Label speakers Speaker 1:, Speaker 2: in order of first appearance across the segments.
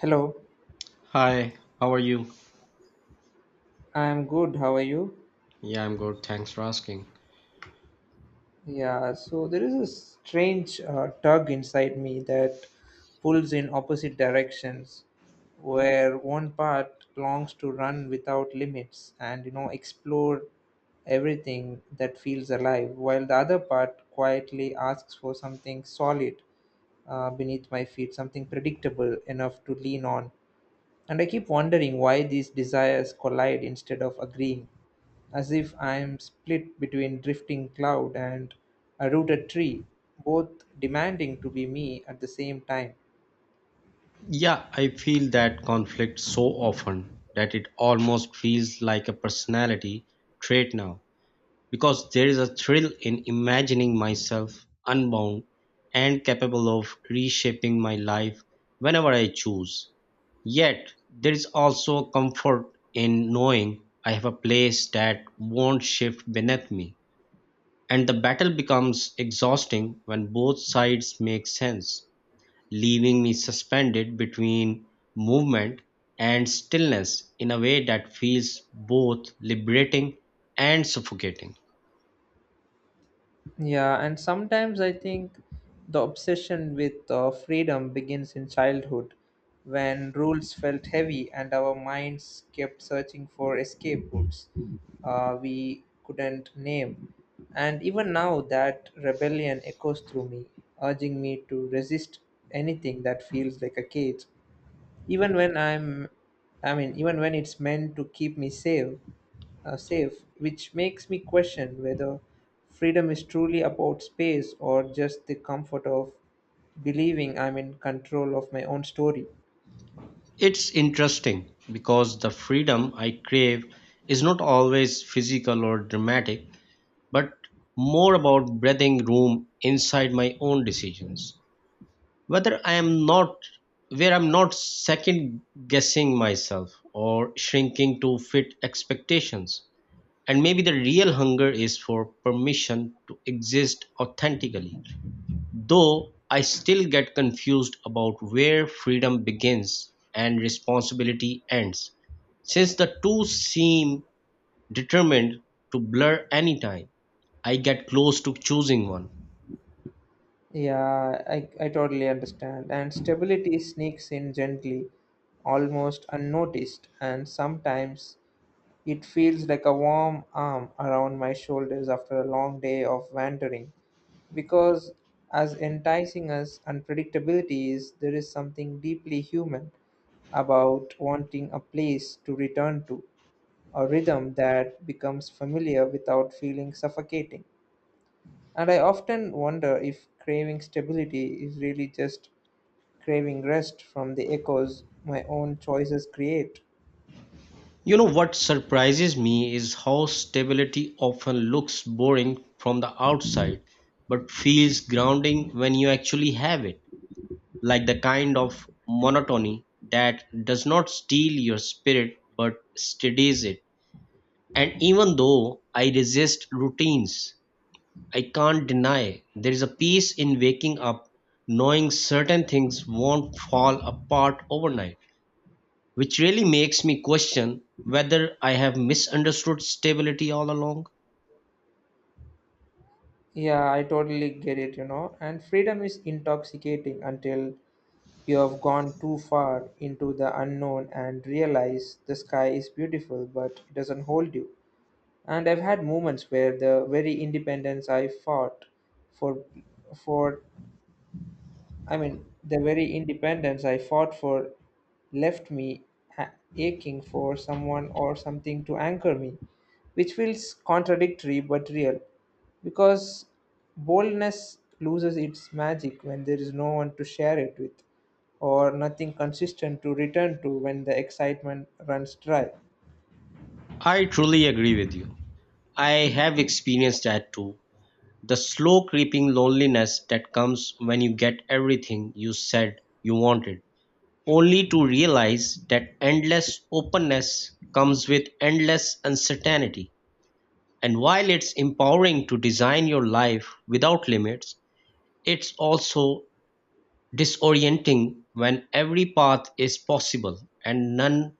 Speaker 1: Hello,
Speaker 2: Hi, how are you?
Speaker 1: I'm good. How are you?
Speaker 2: Yeah, I'm good. Thanks for asking.
Speaker 1: Yeah, so there is a strange tug inside me that pulls in opposite directions, where one part longs to run without limits and explore everything that feels alive, while the other part quietly asks for something solid beneath my feet, something predictable enough to lean on. And I keep wondering why these desires collide instead of agreeing, as if I am split between drifting cloud and a rooted tree, both demanding to be me at the same time.
Speaker 2: Yeah, I feel that conflict so often that it almost feels like a personality trait now because there is a thrill in imagining myself unbound and capable of reshaping my life whenever I choose. Yet, there is also a comfort in knowing I have a place that won't shift beneath me. And the battle becomes exhausting when both sides make sense, leaving me suspended between movement and stillness in a way that feels both liberating and suffocating.
Speaker 1: Yeah, and sometimes I think the obsession with freedom begins in childhood when rules felt heavy and our minds kept searching for escape routes we couldn't name. And even now, that rebellion echoes through me, urging me to resist anything that feels like a cage. Even when I'm, Even when it's meant to keep me safe, safe, which makes me question whether freedom is truly about space or just the comfort of believing I'm in control of my own story.
Speaker 2: It's interesting because the freedom I crave is not always physical or dramatic, but more about breathing room inside my own decisions, whether I am not where I'm not second guessing myself or shrinking to fit expectations. And maybe the real hunger is for permission to exist authentically, though I still get confused about where freedom begins and responsibility ends, since the two seem determined to blur anytime I get close to choosing one.
Speaker 1: Yeah, I totally understand. And stability sneaks in gently, almost unnoticed, and sometimes it feels like a warm arm around my shoulders after a long day of wandering. Because, as enticing as unpredictability is, there is something deeply human about wanting a place to return to, a rhythm that becomes familiar without feeling suffocating. And I often wonder if craving stability is really just craving rest from the echoes my own choices create.
Speaker 2: You know, what surprises me is how stability often looks boring from the outside, but feels grounding when you actually have it, like the kind of monotony that does not steal your spirit but steadies it. And even though I resist routines, I can't deny there is a peace in waking up knowing certain things won't fall apart overnight, which really makes me question whether I have misunderstood stability all along.
Speaker 1: Yeah, I totally get it, you know. And freedom is intoxicating until you have gone too far into the unknown and realize the sky is beautiful, but it doesn't hold you. And I've had moments where the very independence I fought for for I mean, the very independence I fought for left me aching for someone or something to anchor me, which feels contradictory but real. Because boldness loses its magic when there is no one to share it with, or nothing consistent to return to when the excitement runs dry.
Speaker 2: I truly agree with you. I have experienced that too. The slow creeping loneliness that comes when you get everything you said you wanted, only to realize that endless openness comes with endless uncertainty. And while it's empowering to design your life without limits, it's also disorienting when every path is possible and none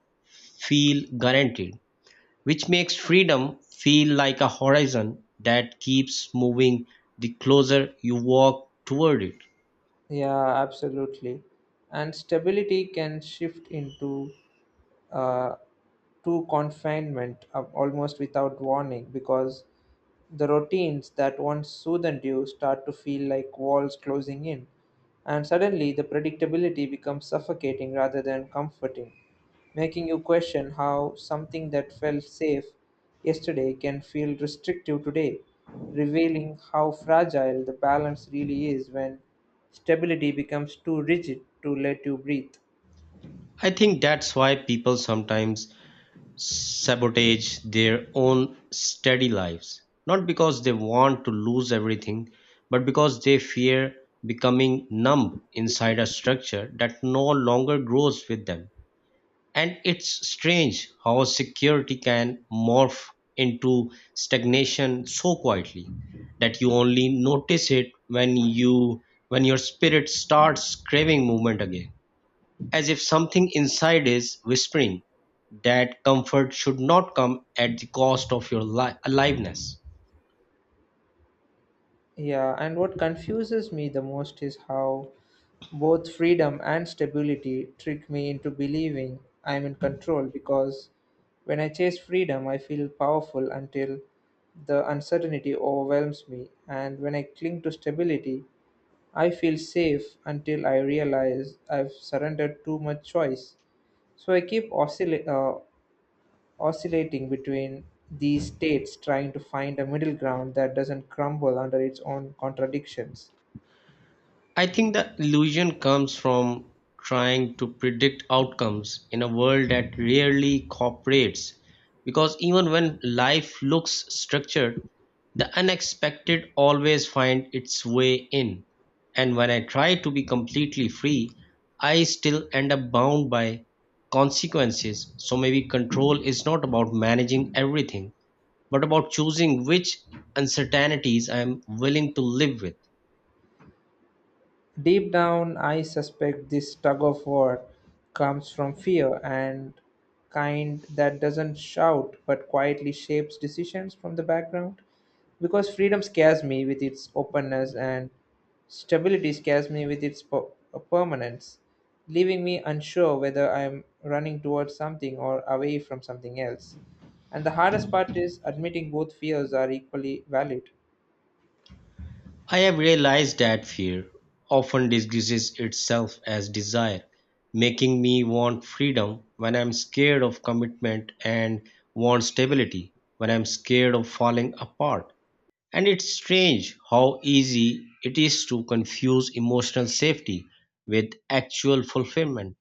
Speaker 2: feel guaranteed, which makes freedom feel like a horizon that keeps moving the closer you walk toward it.
Speaker 1: Yeah, absolutely. And stability can shift into uh, to confinement almost without warning because the routines that once soothed you start to feel like walls closing in, and suddenly the predictability becomes suffocating rather than comforting, making you question how something that felt safe yesterday can feel restrictive today, revealing how fragile the balance really is when stability becomes too rigid to let you breathe.
Speaker 2: I think that's why people sometimes sabotage their own steady lives, not because they want to lose everything, but because they fear becoming numb inside a structure that no longer grows with them. And it's strange how security can morph into stagnation so quietly that you only notice it when your spirit starts craving movement again, as if something inside is whispering that comfort should not come at the cost of your aliveness.
Speaker 1: Yeah, and what confuses me the most is how both freedom and stability trick me into believing I'm in control because when I chase freedom, I feel powerful until the uncertainty overwhelms me, and when I cling to stability, I feel safe until I realize I've surrendered too much choice. So I keep oscillating between these states, trying to find a middle ground that doesn't crumble under its own contradictions.
Speaker 2: I think the illusion comes from trying to predict outcomes in a world that rarely cooperates, because even when life looks structured, the unexpected always finds its way in. And when I try to be completely free, I still end up bound by consequences. So maybe control is not about managing everything, but about choosing which uncertainties I am willing to live with.
Speaker 1: Deep down, I suspect this tug of war comes from fear, and kind that doesn't shout but quietly shapes decisions from the background. Because freedom scares me with its openness, and stability scares me with its permanence, leaving me unsure whether I'm running towards something or away from something else. And the hardest part is admitting both fears are equally valid.
Speaker 2: I have realized that fear often disguises itself as desire, making me want freedom when I'm scared of commitment and want stability when I'm scared of falling apart. And it's strange how easy it is to confuse emotional safety with actual fulfillment,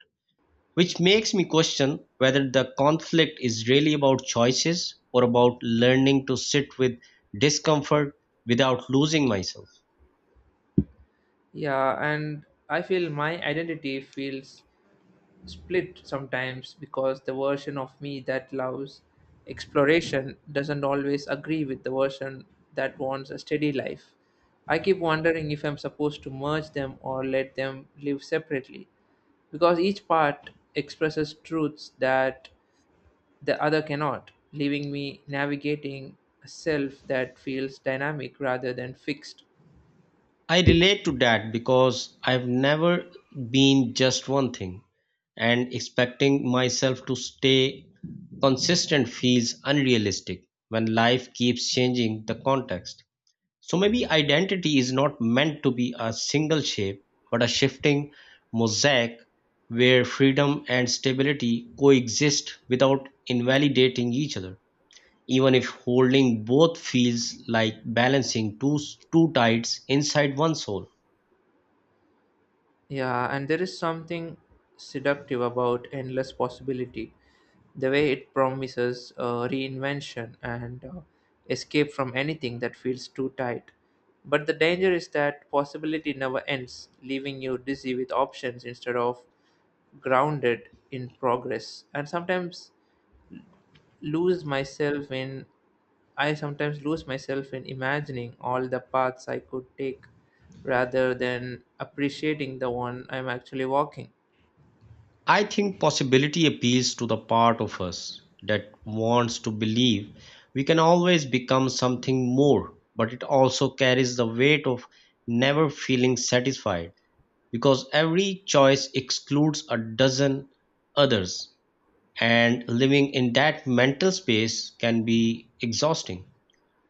Speaker 2: which makes me question whether the conflict is really about choices or about learning to sit with discomfort without losing myself.
Speaker 1: Yeah, and I feel my identity feels split sometimes because the version of me that loves exploration doesn't always agree with the version that wants a steady life. I keep wondering if I'm supposed to merge them or let them live separately because each part expresses truths that the other cannot, leaving me navigating a self that feels dynamic rather than fixed.
Speaker 2: I relate to that because I've never been just one thing, and expecting myself to stay consistent feels unrealistic when life keeps changing the context. So maybe identity is not meant to be a single shape, but a shifting mosaic where freedom and stability coexist without invalidating each other, even if holding both feels like balancing two tides inside one soul.
Speaker 1: Yeah, and there is something seductive about endless possibility, the way it promises reinvention and escape from anything that feels too tight. But the danger is that possibility never ends, leaving you dizzy with options instead of grounded in progress. And sometimes lose myself in I sometimes lose myself in imagining all the paths I could take rather than appreciating the one I'm actually walking.
Speaker 2: I think possibility appeals to the part of us that wants to believe we can always become something more, but it also carries the weight of never feeling satisfied because every choice excludes a dozen others, and living in that mental space can be exhausting,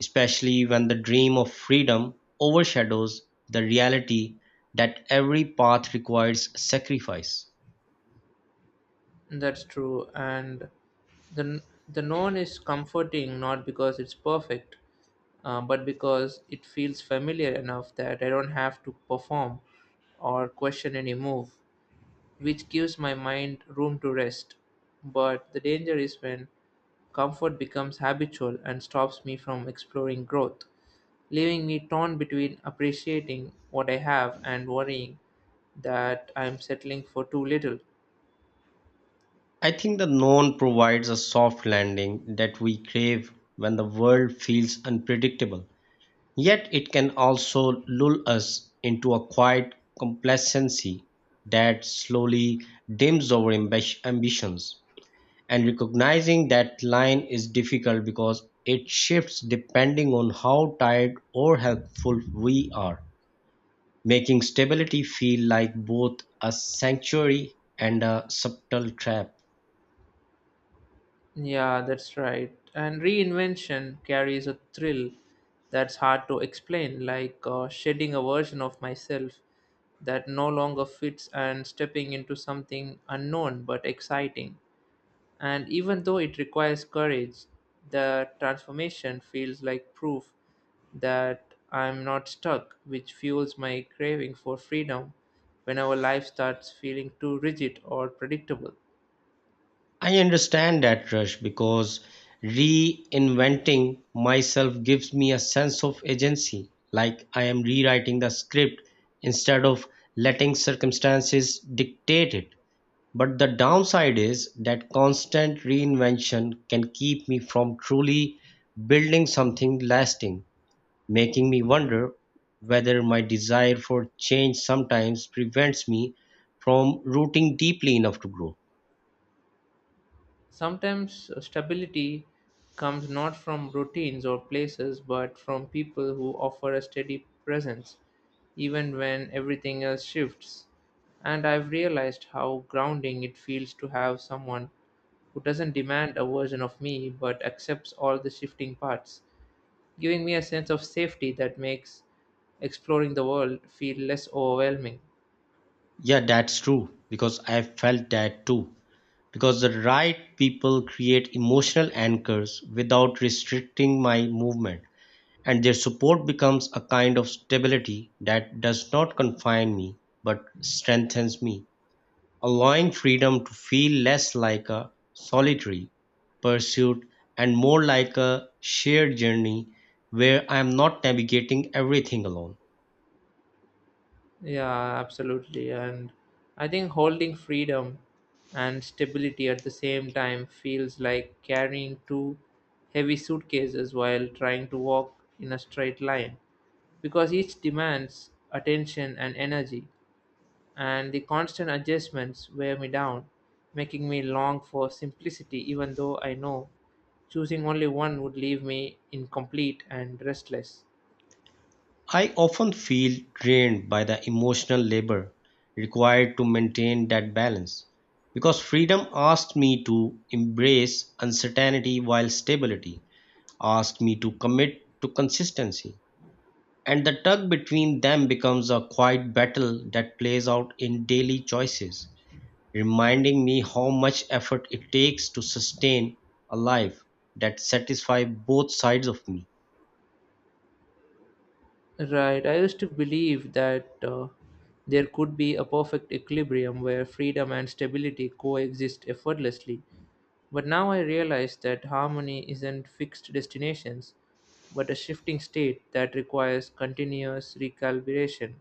Speaker 2: especially when the dream of freedom overshadows the reality that every path requires sacrifice.
Speaker 1: That's true, and the the known is comforting not because it's perfect, but because it feels familiar enough that I don't have to perform or question any move, which gives my mind room to rest. But the danger is when comfort becomes habitual and stops me from exploring growth, leaving me torn between appreciating what I have and worrying that I'm settling for too little.
Speaker 2: I think the known provides a soft landing that we crave when the world feels unpredictable. Yet it can also lull us into a quiet complacency that slowly dims our ambitions. And recognizing that line is difficult because it shifts depending on how tired or helpful we are, making stability feel like both a sanctuary and a subtle trap.
Speaker 1: Yeah, that's right. And reinvention carries a thrill that's hard to explain, like shedding a version of myself that no longer fits and stepping into something unknown but exciting. And even though it requires courage, the transformation feels like proof that I'm not stuck, which fuels my craving for freedom whenever life starts feeling too rigid or predictable.
Speaker 2: I understand that rush because reinventing myself gives me a sense of agency, like I am rewriting the script instead of letting circumstances dictate it. But the downside is that constant reinvention can keep me from truly building something lasting, making me wonder whether my desire for change sometimes prevents me from rooting deeply enough to grow.
Speaker 1: Sometimes stability comes not from routines or places, but from people who offer a steady presence, even when everything else shifts. And I've realized how grounding it feels to have someone who doesn't demand a version of me but accepts all the shifting parts, giving me a sense of safety that makes exploring the world feel less overwhelming.
Speaker 2: Yeah, that's true, because I felt that too. Because the right people create emotional anchors without restricting my movement, and their support becomes a kind of stability that does not confine me but strengthens me, allowing freedom to feel less like a solitary pursuit and more like a shared journey where I am not navigating everything alone.
Speaker 1: Yeah, absolutely. And I think holding freedom and stability at the same time feels like carrying two heavy suitcases while trying to walk in a straight line because each demands attention and energy, and the constant adjustments wear me down, making me long for simplicity, even though I know choosing only one would leave me incomplete and restless.
Speaker 2: I often feel drained by the emotional labor required to maintain that balance because freedom asked me to embrace uncertainty while stability asked me to commit to consistency. And the tug between them becomes a quiet battle that plays out in daily choices, reminding me how much effort it takes to sustain a life that satisfies both sides of me.
Speaker 1: Right. I used to believe that there could be a perfect equilibrium where freedom and stability coexist effortlessly. But now I realize that harmony isn't fixed destinations, but a shifting state that requires continuous recalibration.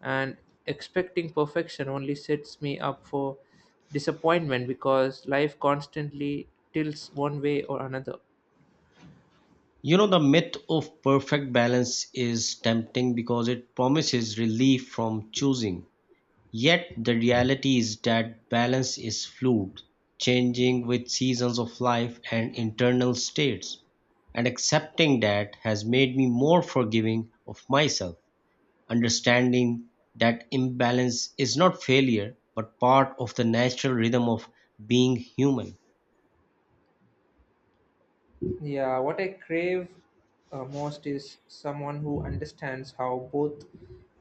Speaker 1: And expecting perfection only sets me up for disappointment because life constantly tilts one way or another.
Speaker 2: You know, the myth of perfect balance is tempting because it promises relief from choosing. Yet, the reality is that balance is fluid, changing with seasons of life and internal states. And accepting that has made me more forgiving of myself, understanding that imbalance is not failure but part of the natural rhythm of being human.
Speaker 1: Yeah, what I crave most is someone who understands how both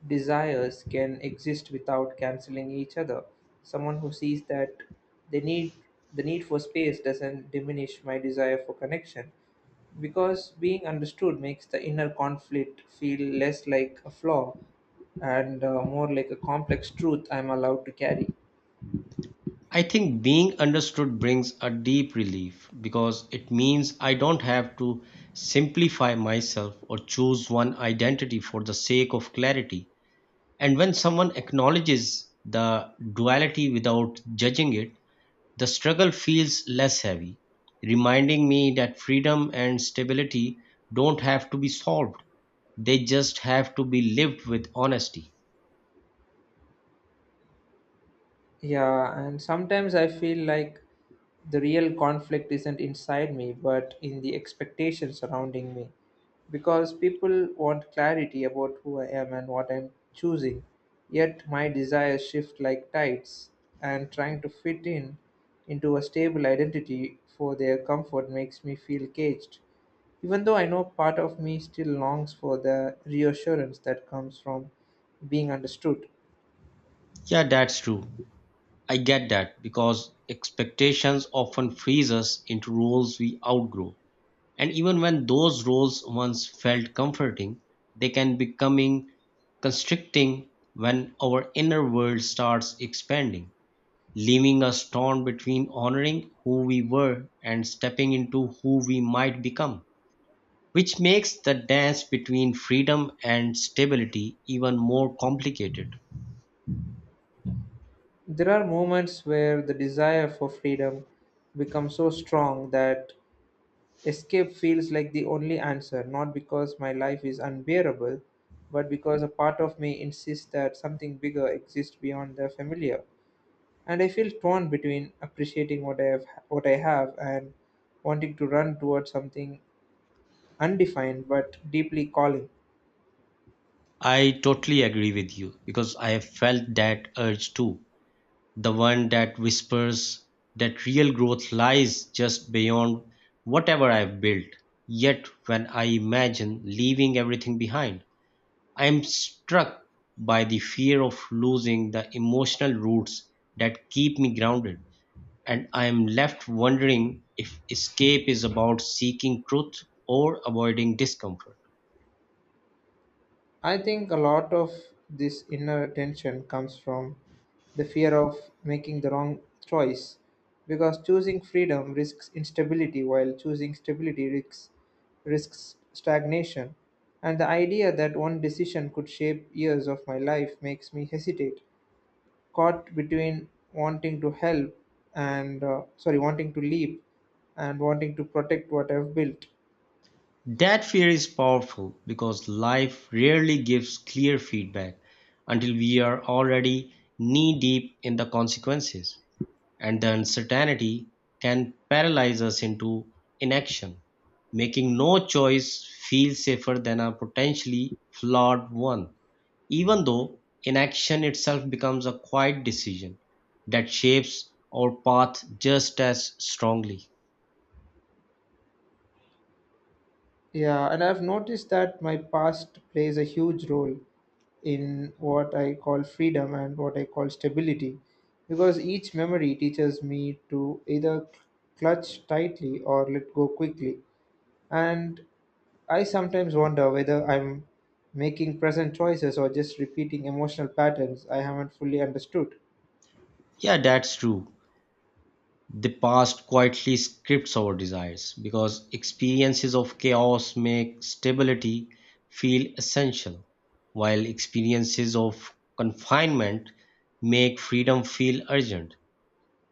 Speaker 1: desires can exist without canceling each other. Someone who sees that the need the need for space doesn't diminish my desire for connection because being understood makes the inner conflict feel less like a flaw and more like a complex truth I'm allowed to carry.
Speaker 2: I think being understood brings a deep relief because it means I don't have to simplify myself or choose one identity for the sake of clarity. And when someone acknowledges the duality without judging it, the struggle feels less heavy, reminding me that freedom and stability don't have to be solved, they just have to be lived with honesty.
Speaker 1: Yeah, and sometimes I feel like the real conflict isn't inside me, but in the expectations surrounding me. Because people want clarity about who I am and what I'm choosing, yet my desires shift like tides, and trying to fit in into a stable identity for their comfort makes me feel caged. Even though I know part of me still longs for the reassurance that comes from being understood.
Speaker 2: Yeah, that's true. I get that because expectations often freeze us into roles we outgrow. And even when those roles once felt comforting, they can becoming constricting when our inner world starts expanding, leaving us torn between honoring who we were and stepping into who we might become, which makes the dance between freedom and stability even more complicated.
Speaker 1: There are moments where the desire for freedom becomes so strong that escape feels like the only answer, not because my life is unbearable, but because a part of me insists that something bigger exists beyond the familiar. And I feel torn between appreciating what I have and wanting to run towards something undefined but deeply calling.
Speaker 2: I totally agree with you because I have felt that urge too. The one that whispers that real growth lies just beyond whatever I've built. Yet when I imagine leaving everything behind, I am struck by the fear of losing the emotional roots that keep me grounded. And I am left wondering if escape is about seeking truth or avoiding discomfort.
Speaker 1: I think a lot of this inner tension comes from the fear of making the wrong choice because choosing freedom risks instability while choosing stability risks stagnation. And the idea that one decision could shape years of my life makes me hesitate, caught between wanting to leap and wanting to protect what I've built.
Speaker 2: That fear is powerful because life rarely gives clear feedback until we are already knee deep in the consequences, and the uncertainty can paralyze us into inaction, making no choice feel safer than a potentially flawed one, even though inaction itself becomes a quiet decision that shapes our path just as strongly.
Speaker 1: Yeah, and I've noticed that my past plays a huge role in what I call freedom and what I call stability because each memory teaches me to either clutch tightly or let go quickly. And I sometimes wonder whether I'm making present choices or just repeating emotional patterns I haven't fully understood.
Speaker 2: Yeah, that's true. The past quietly scripts our desires because experiences of chaos make stability feel essential, while experiences of confinement make freedom feel urgent.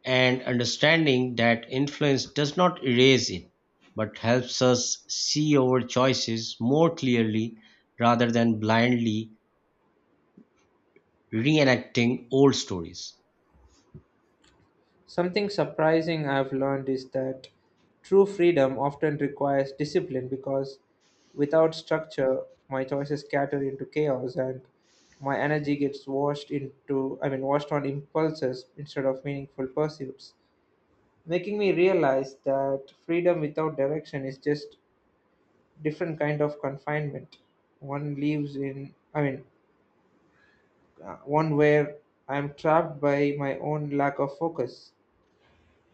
Speaker 2: And understanding that influence does not erase it but helps us see our choices more clearly rather than blindly reenacting old stories.
Speaker 1: Something surprising I've learned is that true freedom often requires discipline because without structure, my choices scatter into chaos and my energy gets washed on impulses instead of meaningful pursuits, making me realize that freedom without direction is just different kind of confinement. One lives in, I mean, One where I'm trapped by my own lack of focus.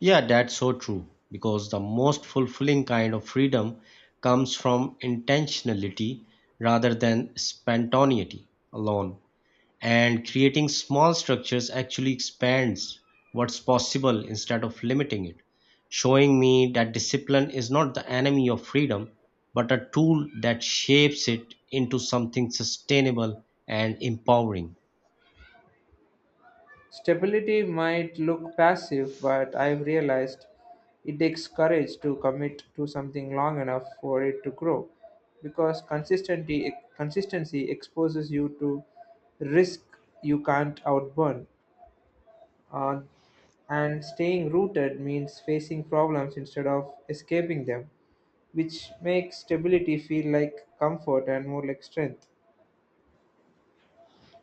Speaker 2: Yeah, that's so true, because the most fulfilling kind of freedom comes from intentionality rather than spontaneity alone. And creating small structures actually expands what's possible instead of limiting it, showing me that discipline is not the enemy of freedom, but a tool that shapes it into something sustainable and empowering.
Speaker 1: Stability might look passive, but I've realized it takes courage to commit to something long enough for it to grow because consistency exposes you to risk you can't outburn. Uh, and staying rooted means facing problems instead of escaping them, which makes stability feel like comfort and more like strength.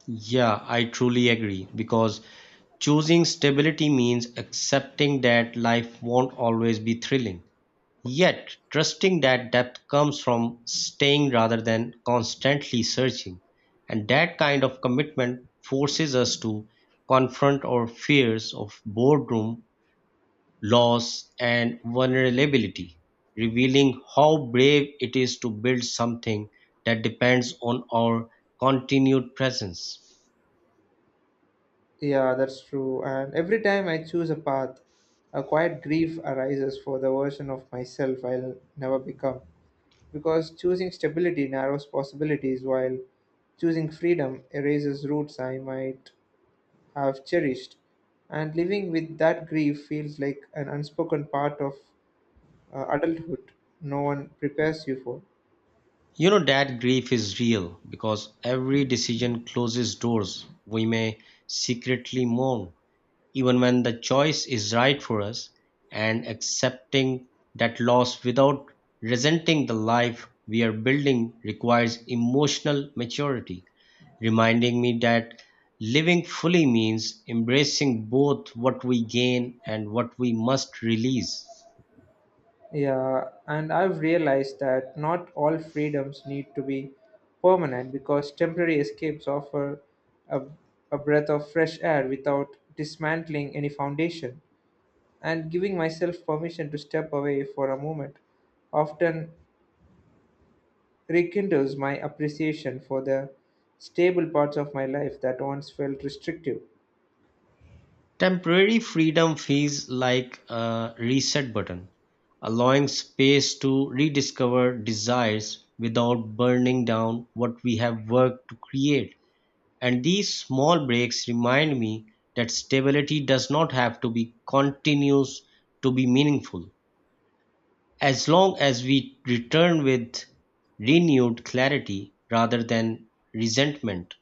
Speaker 2: Yeah, I truly agree, because choosing stability means accepting that life won't always be thrilling. Yet, trusting that depth comes from staying rather than constantly searching. And that kind of commitment forces us to confront our fears of boredom, loss, and vulnerability, revealing how brave it is to build something that depends on our continued presence.
Speaker 1: Yeah, that's true. And every time I choose a path, a quiet grief arises for the version of myself I'll never become. Because choosing stability narrows possibilities, while choosing freedom erases roots I might have cherished. And living with that grief feels like an unspoken part of adulthood no one prepares you for.
Speaker 2: You know, that grief is real because every decision closes doors we may secretly mourn, even when the choice is right for us, and accepting that loss without resenting the life we are building requires emotional maturity, reminding me that living fully means embracing both what we gain and what we must release.
Speaker 1: Yeah, and I've realized that not all freedoms need to be permanent because temporary escapes offer a, a breath of fresh air without dismantling any foundation. And giving myself permission to step away for a moment often rekindles my appreciation for the stable parts of my life that once felt restrictive.
Speaker 2: Temporary freedom feels like a reset button, allowing space to rediscover desires without burning down what we have worked to create. And these small breaks remind me that stability does not have to be continuous to be meaningful, as long as we return with renewed clarity rather than resentment.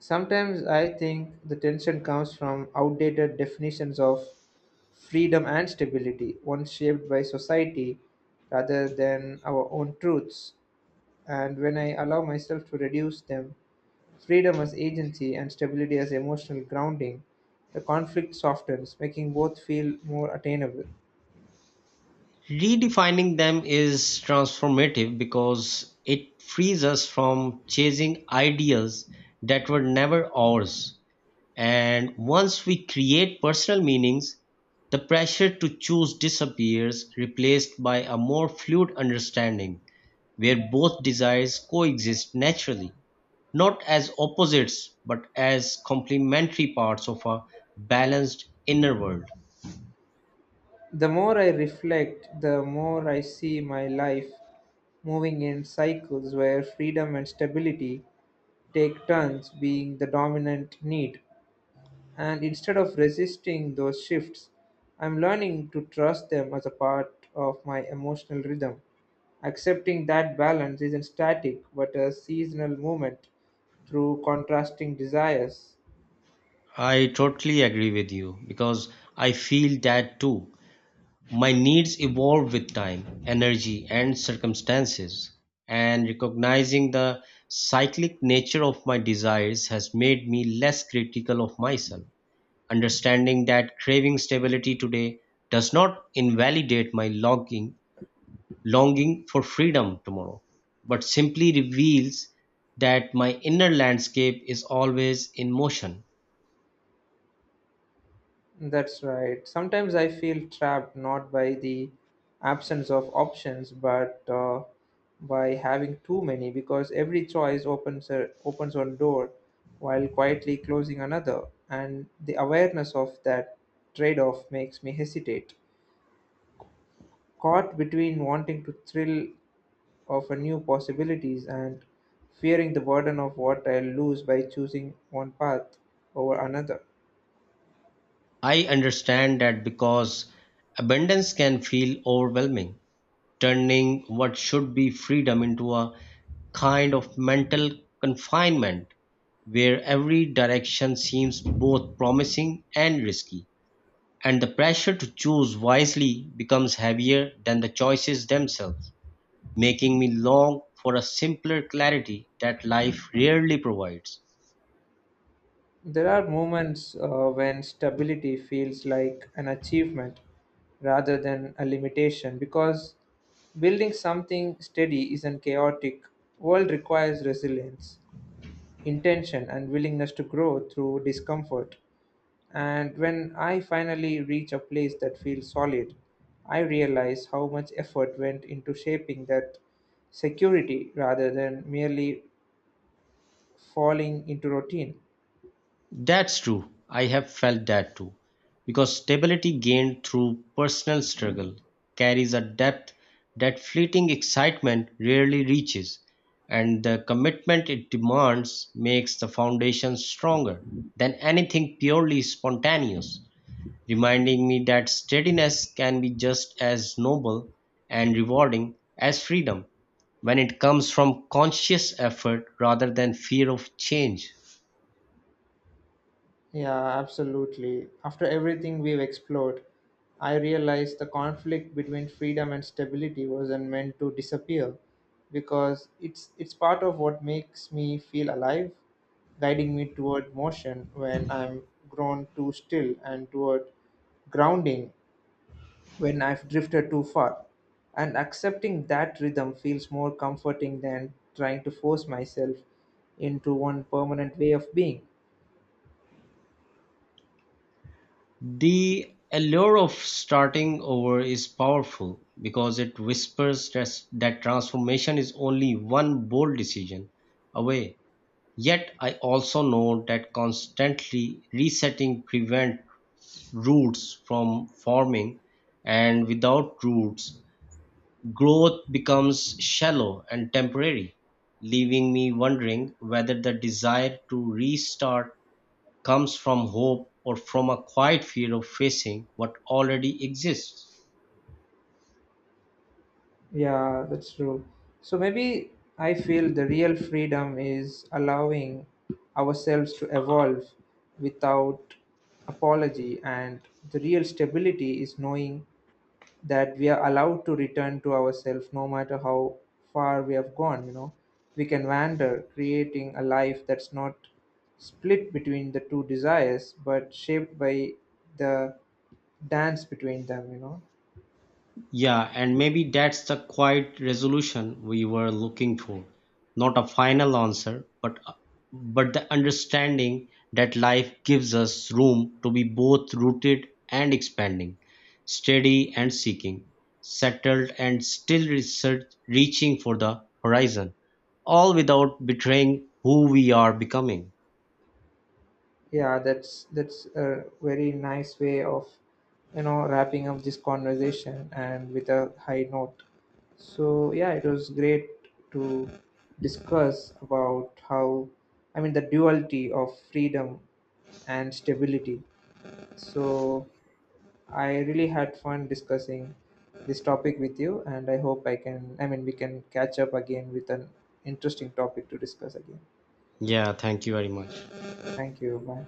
Speaker 1: Sometimes I think the tension comes from outdated definitions of freedom and stability, ones shaped by society rather than our own truths. And when I allow myself to reduce them, freedom as agency and stability as emotional grounding, the conflict softens, making both feel more attainable.
Speaker 2: Redefining them is transformative because it frees us from chasing ideals that were never ours. And once we create personal meanings, the pressure to choose disappears, replaced by a more fluid understanding where both desires coexist naturally, not as opposites but as complementary parts of a balanced inner world.
Speaker 1: The more I reflect, the more I see my life moving in cycles where freedom and stability take turns being the dominant need, and instead of resisting those shifts, I'm learning to trust them as a part of my emotional rhythm. Accepting that balance isn't static but a seasonal movement through contrasting desires.
Speaker 2: I totally agree with you because I feel that too. My needs evolve with time, energy, and circumstances. And recognizing the cyclic nature of my desires has made me less critical of myself, understanding that craving stability today does not invalidate my longing for freedom tomorrow, but simply reveals that my inner landscape is always in motion.
Speaker 1: That's right. Sometimes I feel trapped not by the absence of options, but by having too many, because every choice opens one door while quietly closing another, and the awareness of that trade-off makes me hesitate, caught between wanting to thrill of a new possibilities and fearing the burden of what I'll lose by choosing one path over another.
Speaker 2: I understand that because abundance can feel overwhelming, turning what should be freedom into a kind of mental confinement where every direction seems both promising and risky, and the pressure to choose wisely becomes heavier than the choices themselves, making me long for a simpler clarity that life rarely provides.
Speaker 1: There are moments when stability feels like an achievement rather than a limitation because building something steady is a chaotic. World requires resilience, intention and willingness to grow through discomfort. And when I finally reach a place that feels solid, I realize how much effort went into shaping that security rather than merely falling into routine.
Speaker 2: That's true. I have felt that too. Because stability gained through personal struggle carries a depth that fleeting excitement rarely reaches, and the commitment it demands makes the foundation stronger than anything purely spontaneous, reminding me that steadiness can be just as noble and rewarding as freedom when it comes from conscious effort rather than fear of change.
Speaker 1: Yeah, absolutely. After everything we've explored, I realized the conflict between freedom and stability wasn't meant to disappear because it's part of what makes me feel alive, guiding me toward motion when I'm grown too still and toward grounding when I've drifted too far. And accepting that rhythm feels more comforting than trying to force myself into one permanent way of being.
Speaker 2: The allure of starting over is powerful because it whispers that transformation is only one bold decision away. Yet I also know that constantly resetting prevents roots from forming, and without roots, growth becomes shallow and temporary, leaving me wondering whether the desire to restart comes from hope or from a quiet fear of facing what already exists.
Speaker 1: Yeah, that's true. So maybe I feel the real freedom is allowing ourselves to evolve without apology, and the real stability is knowing that we are allowed to return to ourselves no matter how far we have gone. You know, we can wander, creating a life that's not split between the two desires but shaped by the dance between them, you know.
Speaker 2: Yeah, and maybe that's the quiet resolution we were looking for. Not a final answer, but the understanding that life gives us room to be both rooted and expanding, steady and seeking, settled and still research, reaching for the horizon, all without betraying who we are becoming.
Speaker 1: Yeah, that's a very nice way of, you know, wrapping up this conversation and with a high note. So yeah, it was great to discuss about the duality of freedom and stability. So I really had fun discussing this topic with you, and I hope I can, I mean, we can catch up again with an interesting topic to discuss again.
Speaker 2: Yeah, thank you very much.
Speaker 1: Thank you. Bye.